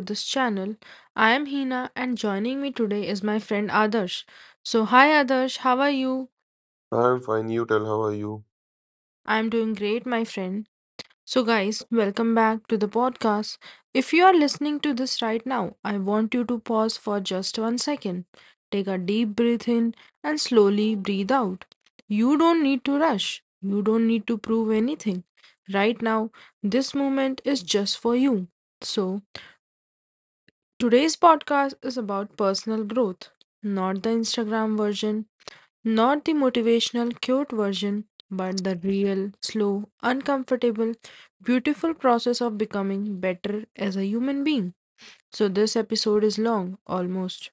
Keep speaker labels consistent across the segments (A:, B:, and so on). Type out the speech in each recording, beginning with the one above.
A: this channel. I am Hina and joining me today is my friend Adarsh. So, hi Adarsh, how are you?
B: I'm fine. You tell how are you?
A: I am doing great, my friend. So, guys, welcome back to the podcast. If you are listening to this right now, I want you to pause for just 1 second. Take a deep breath in and slowly breathe out. You don't need to rush, you don't need to prove anything. Right now, this moment is just for you. So, today's podcast is about personal growth, not the Instagram version, not the motivational, cute version, but the real, slow, uncomfortable, beautiful process of becoming better as a human being. So, this episode is long, almost,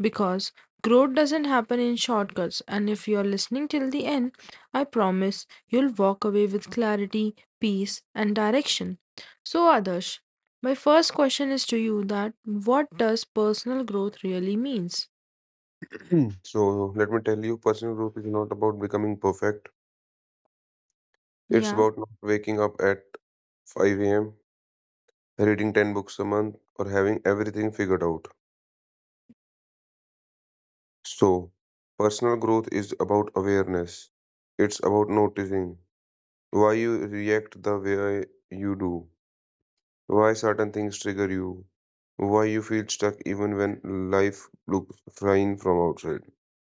A: because growth doesn't happen in shortcuts. And if you're listening till the end, I promise you'll walk away with clarity, peace, and direction. So, Adarsh, my first question is to you that what does personal growth really means?
B: So let me tell you, personal growth is not about becoming perfect. It's
A: Yeah.
B: about not waking up at 5 a.m., reading 10 books a month, or having everything figured out. So personal growth is about awareness. It's about noticing why you react the way you do, why certain things trigger you, why you feel stuck even when life looks fine from outside.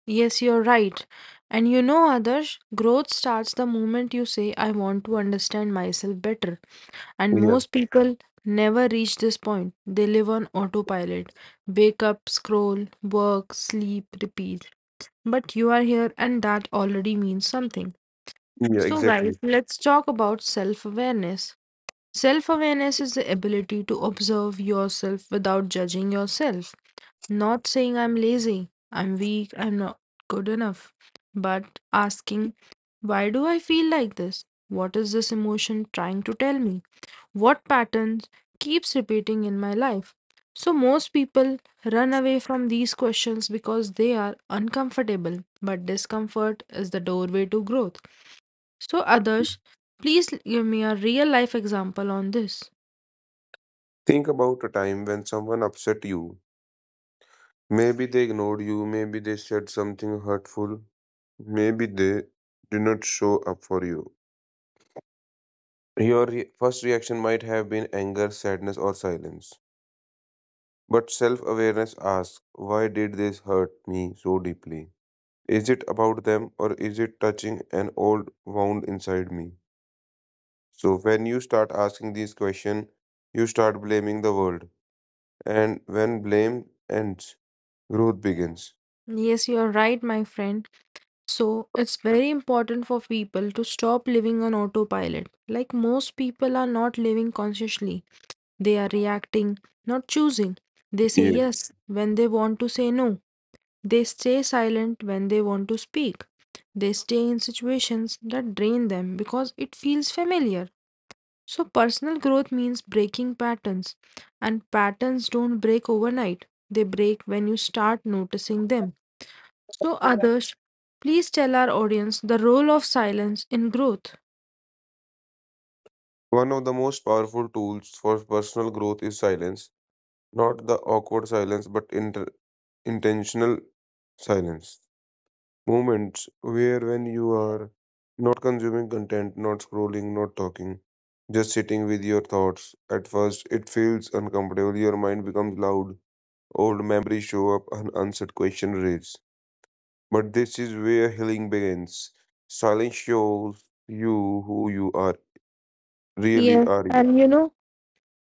A: Yes, you're right. And you know, Adarsh, growth starts the moment you say, I want to understand myself better. And
B: Yeah,
A: most people never reach this point. They live on autopilot. Wake up, scroll, work, sleep, repeat. But you are here, and that already means something.
B: yeah,
A: So,
B: exactly.
A: guys, let's talk about self awareness. Self awareness is the ability to observe yourself without judging yourself. Not saying I'm lazy, I'm weak, I'm not good enough, but asking, why do I feel like this? What is this emotion trying to tell me? What patterns keeps repeating in my life? So most people run away from these questions because they are uncomfortable, but discomfort is the doorway to growth. So others, please give me a real life example on this.
B: Think about a time when someone upset you. Maybe they ignored you, maybe they said something hurtful, maybe they did not show up for you. Your first reaction might have been anger, sadness, or silence. But self awareness asks, why did this hurt me so deeply? Is it about them or is it touching an old wound inside me? So, when you start asking these questions, you start blaming the world. And when blame ends, growth begins.
A: Yes, you are right, my friend. So, it's very important for people to stop living on autopilot. Like most people are not living consciously, they are reacting, not choosing. They say
B: Yeah.
A: yes when they want to say no, they stay silent when they want to speak, they stay in situations that drain them because it feels familiar. So, personal growth means breaking patterns, and patterns don't break overnight, they break when you start noticing them. So, Adarsh, please tell our audience the role of silence in growth.
B: One of the most powerful tools for personal growth is silence, not the awkward silence, but intentional silence. Moments where, when you are not consuming content, not scrolling, not talking, just sitting with your thoughts. At first, it feels uncomfortable. Your mind becomes loud. Old memories show up, and answered questions raise. But this is where healing begins. Silence shows you who you are. Really
A: Yes,
B: are you.
A: and you know,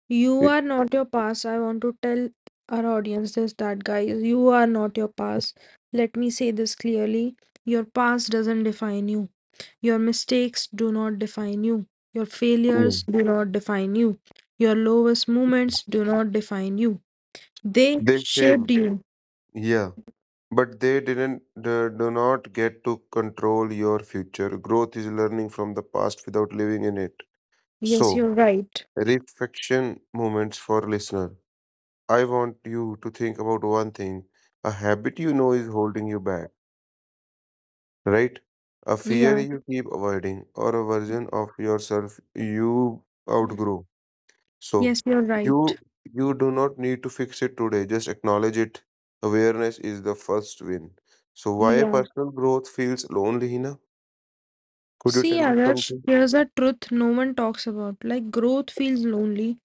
A: you
B: Y-
A: are not your past. I want to tell our audience this that, guys, you are not your past. Let me say this clearly your past doesn't define you, your mistakes do not define you, your
B: Yeah.
A: failures do not define you, your lowest moments do not define you. They
B: They
A: shaped
B: saved you.
A: you.
B: Yeah, but they didn't they do not get to control your future. Growth is learning from the past without living in it.
A: Yes,
B: So,
A: you're right.
B: reflection moments for listener. I want you to think about one thing, a habit you know is holding you back, right? A fear
A: Yeah.
B: you keep avoiding or a version of yourself you outgrow. So
A: Yes, you're right.
B: you you do not need to fix it today. Just acknowledge it. Awareness is the first win. So why
A: Yeah.
B: personal growth feels lonely, Hina? Could you tell
A: See,
B: me
A: Adarsh,
B: something?
A: here's a truth no one talks about. Like, growth feels lonely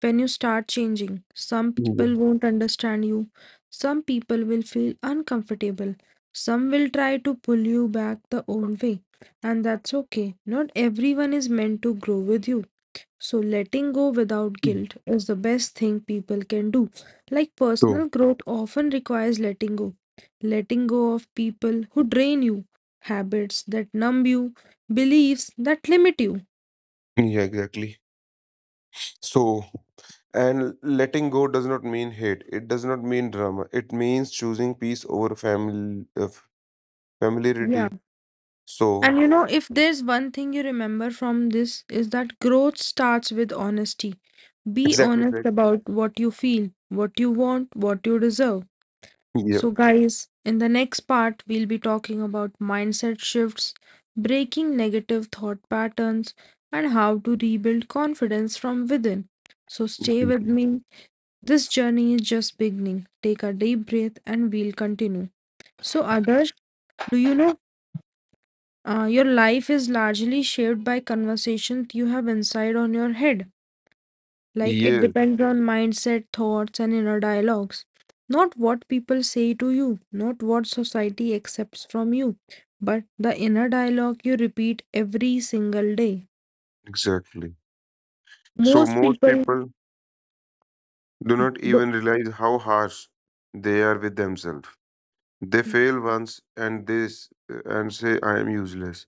A: when you start changing. Some people
B: Mhm.
A: won't understand you. Some people will feel uncomfortable. Some will try to pull you back the old way. And that's okay. Not everyone is meant to grow with you. So, letting go without guilt is the best thing people can do. Like
B: So
A: personal growth often requires letting go. Letting go of people who drain you, habits that numb you, beliefs that limit you.
B: yeah, exactly. So and letting go does not mean hate. It does not mean drama. It means choosing peace over family
A: Yeah.
B: familiarity. So
A: And you know, if there's one thing you remember from this, is that growth starts with honesty. Be
B: exactly,
A: honest
B: correct.
A: about what you feel, what you want, what you deserve.
B: Yeah.
A: So, guys, in the next part, we'll be talking about mindset shifts, breaking negative thought patterns, and how to rebuild confidence from within. So, stay with me. This journey is just beginning. Take a deep breath and we'll continue. So, Adarsh, do you know your life is largely shaped by conversations you have inside on your head? Like it
B: Yes,
A: depends on mindset, thoughts, and inner dialogues. Not what people say to you, not what society accepts from you, but the inner dialogue you repeat every single day.
B: exactly. So
A: Most
B: most
A: people
B: people do not
A: do.
B: even realize how harsh they are with themselves. They fail once and this and say I am useless.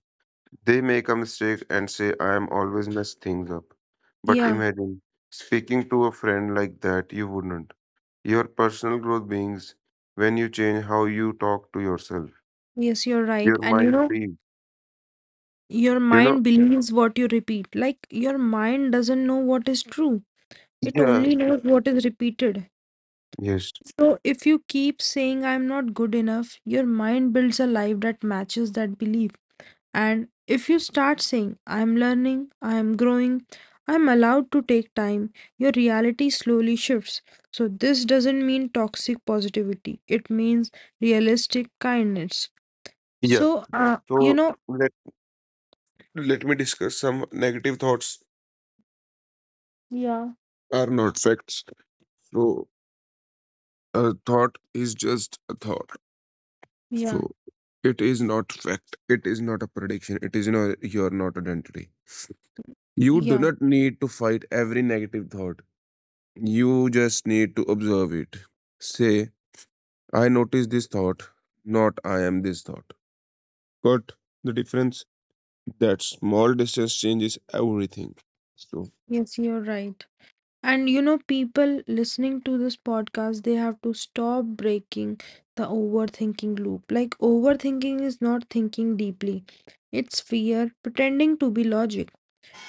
B: They make a mistake and say I am always mess things up. But
A: Yeah,
B: imagine speaking to a friend like that you wouldn't. Your personal growth beings when you change how you talk to yourself.
A: yes, you're right.
B: Your
A: And you
B: mind
A: know,
B: free.
A: your
B: You know?
A: mind believes what you repeat. Like your mind doesn't know what is true, it
B: Yeah.
A: only knows what is repeated.
B: Yes.
A: So if you keep saying, I'm not good enough, your mind builds a life that matches that belief. And if you start saying, I'm learning, I'm growing, I'm allowed to take time, your reality slowly shifts. So, this doesn't mean toxic positivity, it means realistic kindness.
B: Yeah.
A: So,
B: So let let me discuss some negative thoughts
A: yeah,
B: are not facts. So a thought is just a thought.
A: yeah,
B: So it is not fact. It is not a prediction. It is not your not identity. You do
A: yeah,
B: not need to fight every negative thought. You just need to observe it. Say, I notice this thought, not I am this thought. Got the difference? That small distance changes everything. So
A: yes, you're right. And you know, people listening to this podcast, they have to stop breaking the overthinking loop. Like, overthinking is not thinking deeply, it's fear pretending to be logic.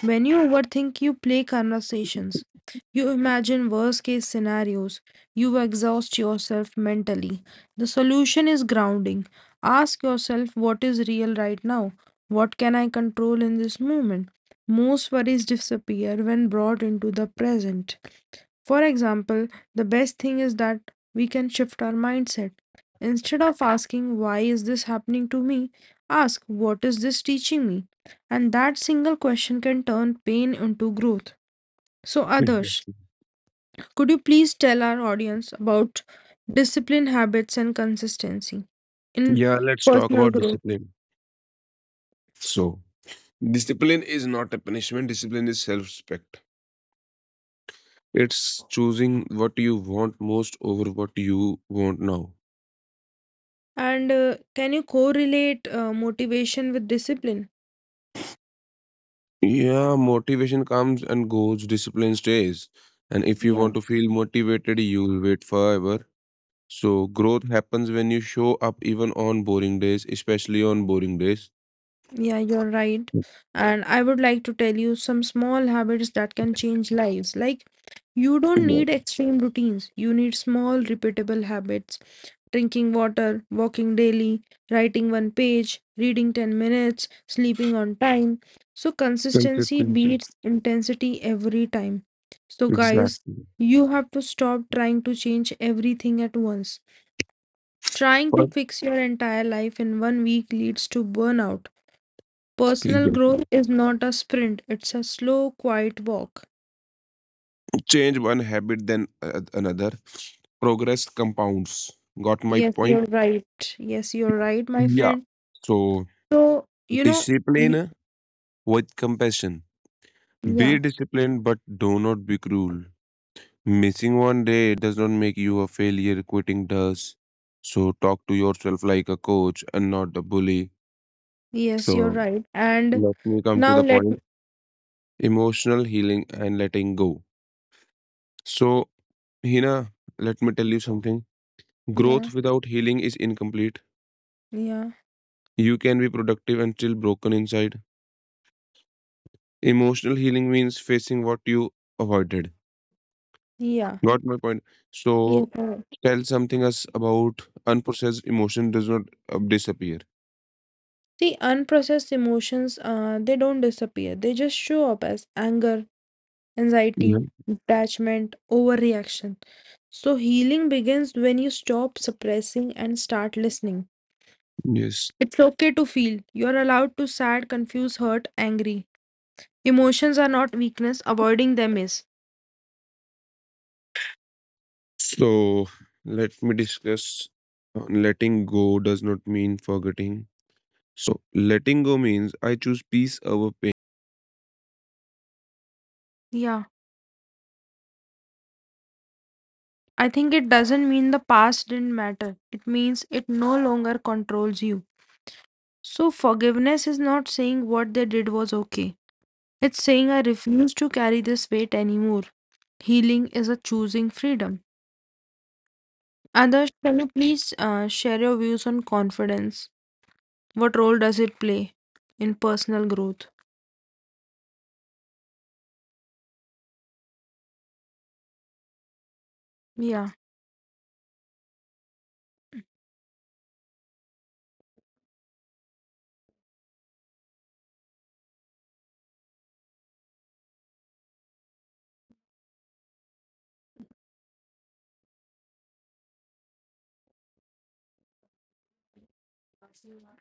A: When you overthink, you play conversations. You imagine worst case scenarios. You exhaust yourself mentally. The solution is grounding. Ask yourself what is real right now? What can I control in this moment? Most worries disappear when brought into the present. For example, the best thing is that we can shift our mindset. Instead of asking, why is this happening to me? Ask, what is this teaching me? And that single question can turn pain into growth. So,
B: mhm,
A: Adarsh, could you please tell our audience about discipline, habits, and consistency in
B: yeah, let's talk
A: personal
B: about
A: growth?
B: discipline. So discipline is not a punishment, discipline is self-respect. It's choosing what you want most over what you want now.
A: And can you correlate motivation with discipline?
B: Yeah, motivation comes and goes, discipline stays. And if you
A: Yeah.
B: want to feel motivated, you'll wait forever. So, growth happens when you show up even on boring days, especially on boring days.
A: Yeah, you're right. And I would like to tell you some small habits that can change lives. Like, you don't
B: Yeah,
A: need extreme routines, you need small, repeatable habits. Drinking water, walking daily, writing one page, reading 10 minutes, sleeping on time. So, consistency
B: consistency.
A: beats intensity every time. So, guys,
B: Exactly.
A: you have to stop trying to change everything at once. Trying to
B: But
A: fix your entire life in one week leads to burnout. Personal
B: exactly.
A: growth is not a sprint, it's a slow, quiet walk.
B: Change one habit, then another. Progress compounds. Got my
A: Yes,
B: point?
A: you're right. Yes, you're right, my
B: Yeah.
A: friend.
B: So,
A: So, y-
B: discipline with compassion. Be
A: yeah,
B: disciplined, but do not be cruel. Missing one day does not make you a failure, quitting does. So, talk to yourself like a coach and not a bully.
A: yes, you're
B: So,
A: right. And
B: let me come to
A: now
B: the
A: let
B: point
A: me,
B: emotional healing and letting go. So, Hina, let me tell you something.
A: yeah,
B: Growth without healing is incomplete.
A: yeah,
B: You can be productive and still broken inside. Emotional healing means facing what you avoided.
A: yeah,
B: Got my point?
A: yes.
B: So, tell something us about unprocessed emotion does not disappear.
A: See, unprocessed emotions, they don't disappear. They just show up as anger,
B: Yeah.
A: anxiety, detachment, overreaction. So healing begins when you stop suppressing and start listening.
B: Yes.
A: It's okay to feel. You're allowed to sad, confused, hurt, angry. Emotions are not weakness, avoiding them is.
B: So let me discuss. Letting go does not mean forgetting. So letting go means I choose peace over pain.
A: Yeah. I think it doesn't mean the past didn't matter. It means it no longer controls you. So forgiveness is not saying what they did was okay. It's saying I refuse to carry this weight anymore. Healing is a choosing freedom. Others, can you please share your views on confidence? What role does it play in personal growth? Yeah,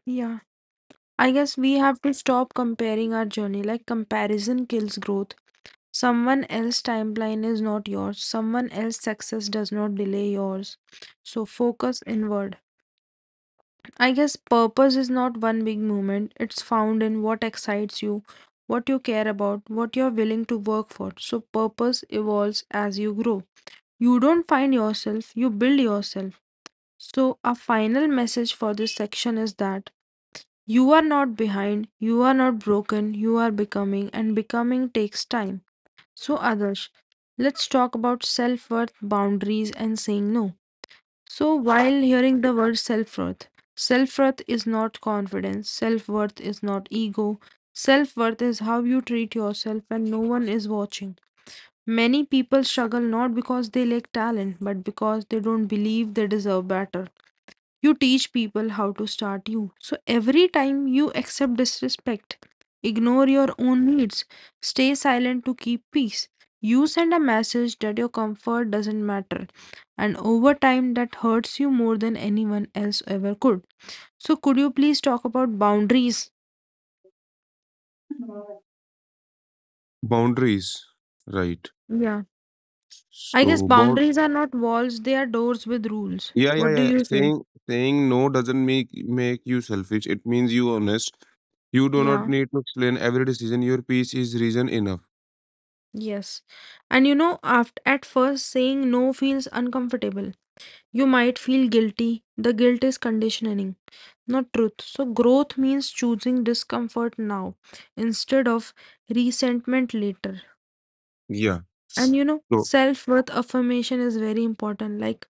A: yeah. I guess we have to stop comparing our journey. Like, comparison kills growth. Someone else's timeline is not yours. Someone else's success does not delay yours. So, focus inward. I guess purpose is not one big moment, it's found in what excites you, what you care about, what you're willing to work for. So, purpose evolves as you grow. You don't find yourself, you build yourself. So, a final message for this section is that. You are not behind, you are not broken, you are becoming, and becoming takes time. So, Adarsh, let's talk about self worth, boundaries, and saying no. So, while hearing the word self worth is not confidence, self worth is not ego, self worth is how you treat yourself when no one is watching. Many people struggle not because they lack talent, but because they don't believe they deserve better. You teach people how to start you. So every time you accept disrespect, ignore your own needs, stay silent to keep peace. You send a message that your comfort doesn't matter, and over time, that hurts you more than anyone else ever could. So, could you please talk about boundaries?
B: Boundaries, right.
A: Yeah. I guess
B: So bound
A: boundaries are not walls, they are doors with rules.
B: yeah, yeah,
A: What do
B: yeah.
A: you say?
B: Saying no doesn't make you selfish. It means you honest. You do not
A: Yeah,
B: need to explain every decision. Your peace is reason enough.
A: yes. And you know, after, at first, saying no feels uncomfortable. You might feel guilty. The guilt is conditioning, not truth. So, growth means choosing discomfort now instead of resentment later.
B: Yeah.
A: And you know,
B: So
A: self worth affirmation is very important. Like,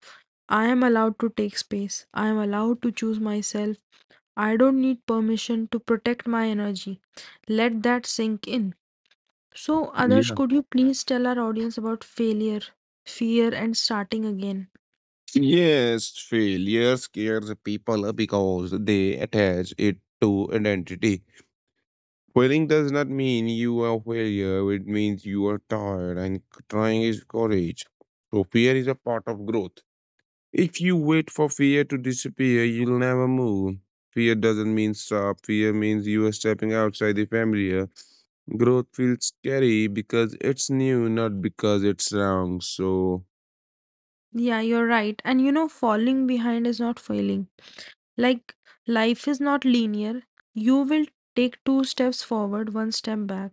A: I am allowed to take space, I am allowed to choose myself. I don't need permission to protect my energy. Let that sink in. So, others,
B: yeah.
A: could you please tell our audience about failure, fear, and starting again?
B: Yes, failure scares people because they attach it to identity. Failing does not mean you are failure. It means you are tired and trying is courage. So fear is a part of growth. If you wait for fear to disappear, you'll never move. Fear doesn't mean stop. Fear means you are stepping outside the familiar. Growth feels scary because it's new, not because it's wrong. So,
A: Yeah, you're right. And you know, falling behind is not failing. Like, life is not linear. You will take two steps forward, one step back,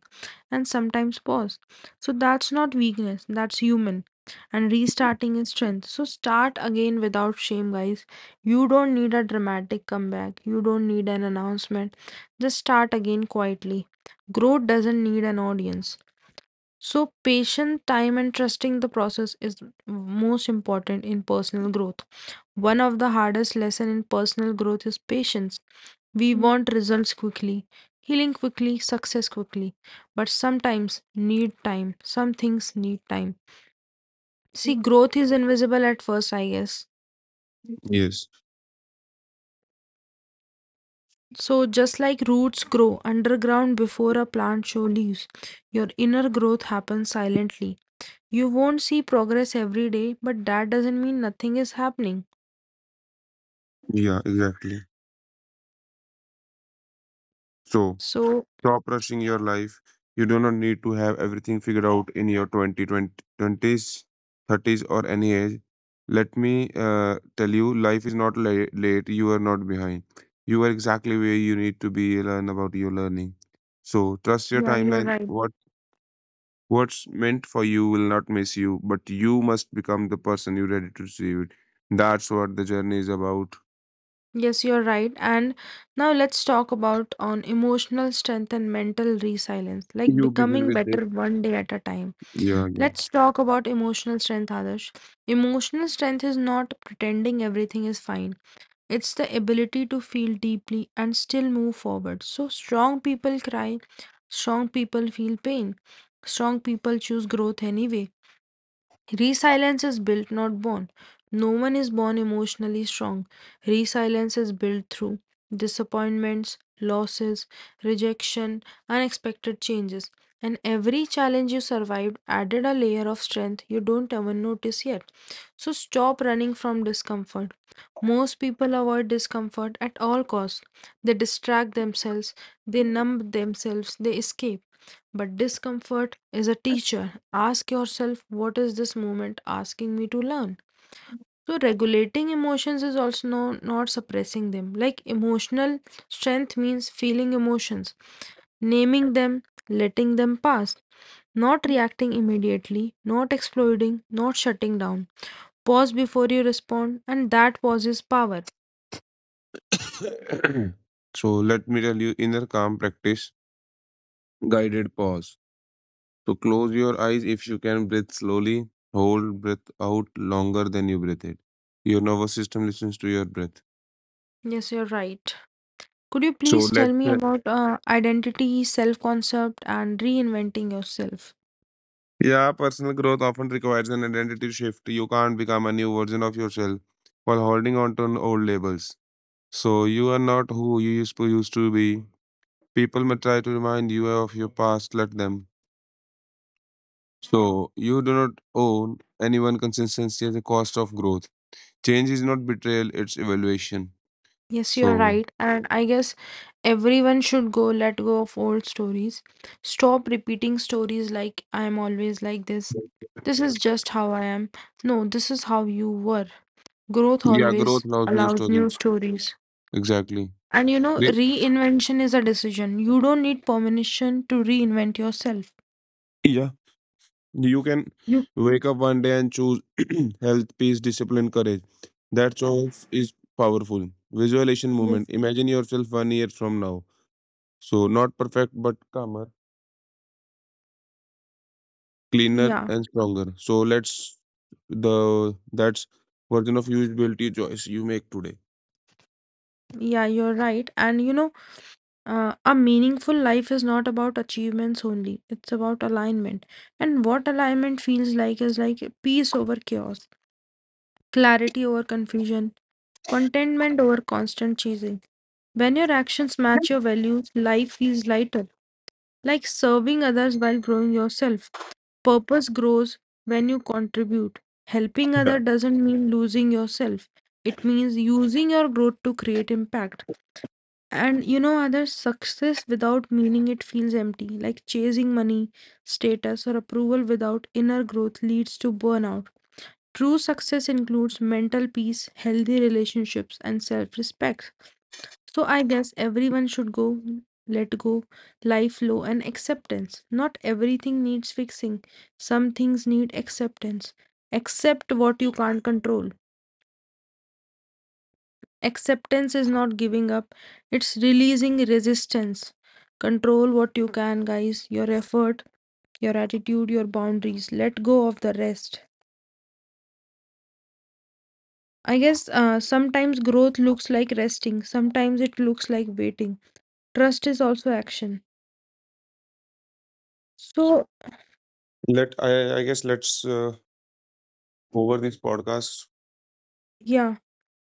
A: and sometimes pause. So, that's not weakness, that's human. And restarting is strength. So, start again without shame, guys. You don't need a dramatic comeback, you don't need an announcement. Just start again quietly. Growth doesn't need an audience. So, patient time and trusting the process is most important in personal growth. One of the hardest lesson in personal growth is patience. We want results quickly, healing quickly, success quickly, but sometimes need time. Some things need time. See, growth is invisible at first, I guess.
B: yes,
A: So, just like roots grow underground before a plant shows leaves, your inner growth happens silently. You won't see progress every day, but that doesn't mean nothing is happening.
B: yeah, exactly. So,
A: So,
B: stop rushing your life. You do not need to have everything figured out in your twenty, 30s, or any age. Let me tell you, life is not late. You are not behind. You are exactly where you need to be. Learn about your learning. So trust your
A: yeah, you're
B: timeline.
A: right.
B: What's meant for you will not miss you, but you must become the person you're ready to receive it. That's what the journey is about.
A: Yes, you're right. And now let's talk about on emotional strength and mental resilience, like
B: You begin
A: becoming
B: with this.
A: better one day at a time.
B: Yeah, yeah.
A: Let's talk about emotional strength, Adarsh. Emotional strength is not pretending everything is fine. It's the ability to feel deeply and still move forward. So strong people cry, strong people feel pain, strong people choose growth anyway. Resilience is built, not born. No one is born emotionally strong. Resilience is built through disappointments, losses, rejection, unexpected changes. And every challenge you survived added a layer of strength you don't even notice yet. So stop running from discomfort. Most people avoid discomfort at all costs. They distract themselves, they numb themselves, they escape. But discomfort is a teacher. Ask yourself, what is this moment asking me to learn? So, regulating emotions is also no, not suppressing them. Like emotional strength means feeling emotions, naming them, letting them pass, not reacting immediately, not exploding, not shutting down. Pause before you respond, and that pause is power.
B: So let me tell you, inner calm practice guided pause. So close your eyes if you can, breathe slowly, hold breath out longer than you breathe it. Your nervous system listens to your breath.
A: Yes, you're right. Could you
B: So
A: please tell
B: let's
A: me about identity, self concept, and reinventing yourself?
B: yeah, personal growth often requires an identity shift. You can't become a new version of yourself while holding on to an old labels. So you are not who used to be. People may try to remind you of your past, let them. So you do not own anyone consistency at the cost of growth. Change is not betrayal, it's evaluation.
A: Yes, you're
B: So
A: right. And I guess everyone should go let go of old stories. Stop repeating stories like I am always like this. This is just how I am. No, this is how you were. Growth
B: yeah, growth
A: always
B: loves new
A: allows
B: stories.
A: new stories.
B: Exactly.
A: And you know,
B: Re-
A: reinvention is a decision. You don't need permission to reinvent yourself.
B: Yeah, you can
A: You,
B: wake up one day and choose health, peace, discipline, courage. That choice is powerful. Visualization
A: yes.
B: movement. Imagine yourself one year from now. So not perfect, but calmer, cleaner,
A: Yeah,
B: and stronger. So let's the that's version of you will build your choice you make today.
A: yeah, you're right. And you know, a meaningful life is not about achievements only. It's about alignment. And what alignment feels like is like peace over chaos, clarity over confusion, contentment over constant chasing. When your actions match your values, life feels lighter, like serving others while growing yourself. Purpose grows when you contribute. Helping other doesn't mean losing yourself. It means using your growth to create impact. And you know, other success without meaning it feels empty. Like chasing money, status, or approval without inner growth leads to burnout. True success includes mental peace, healthy relationships, and self respect. So I guess everyone should go, let go, life flow, and acceptance. Not everything needs fixing, some things need acceptance. Accept what you can't control. Acceptance is not giving up, it's releasing resistance. Control what you can, guys, your effort, your attitude, your boundaries. Let go of the rest. I guess sometimes growth looks like resting, sometimes it looks like waiting. Trust is also action. So,
B: I guess let's over this podcast.
A: yeah.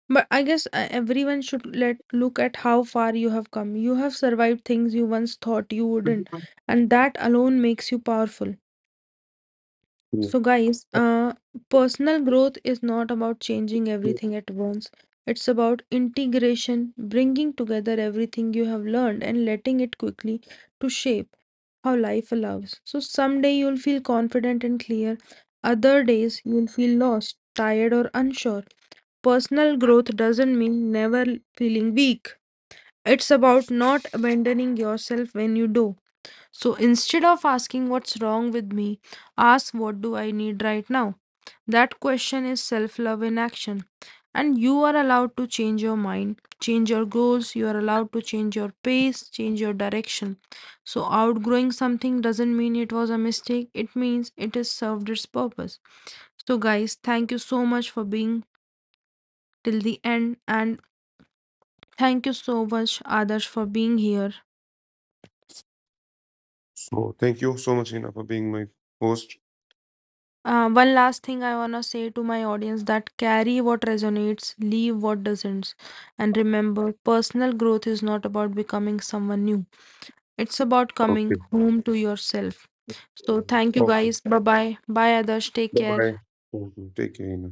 A: But I guess everyone should let look at how far you have come. You have survived things you once thought you wouldn't, and that alone makes you powerful.
B: Yeah.
A: So, guys, personal growth is not about changing everything at once. It's about integration, bringing together everything you have learned and letting it quickly to shape how life allows. So, someday you'll feel confident and clear. Other days you'll feel lost, tired, or unsure. Personal growth doesn't mean never feeling weak. It's about not abandoning yourself when you do. So instead of asking what's wrong with me, ask what do I need right now? That question is self love in action. And you are allowed to change your mind, change your goals, you are allowed to change your pace, change your direction. So, outgrowing something doesn't mean it was a mistake, it means it has served its purpose. So, guys, thank you so much for being till the end, and thank you so much, Adarsh, for being here.
B: So thank you so much, Hina, for being my host.
A: One last thing I want to say to my audience that carry what resonates, leave what doesn't. And remember, personal growth is not about becoming someone new, it's about coming
B: Okay.
A: home to yourself. So, thank you
B: Okay.
A: guys. Bye bye. Bye, Adarsh. Take care.
B: Bye. Take care, Hina.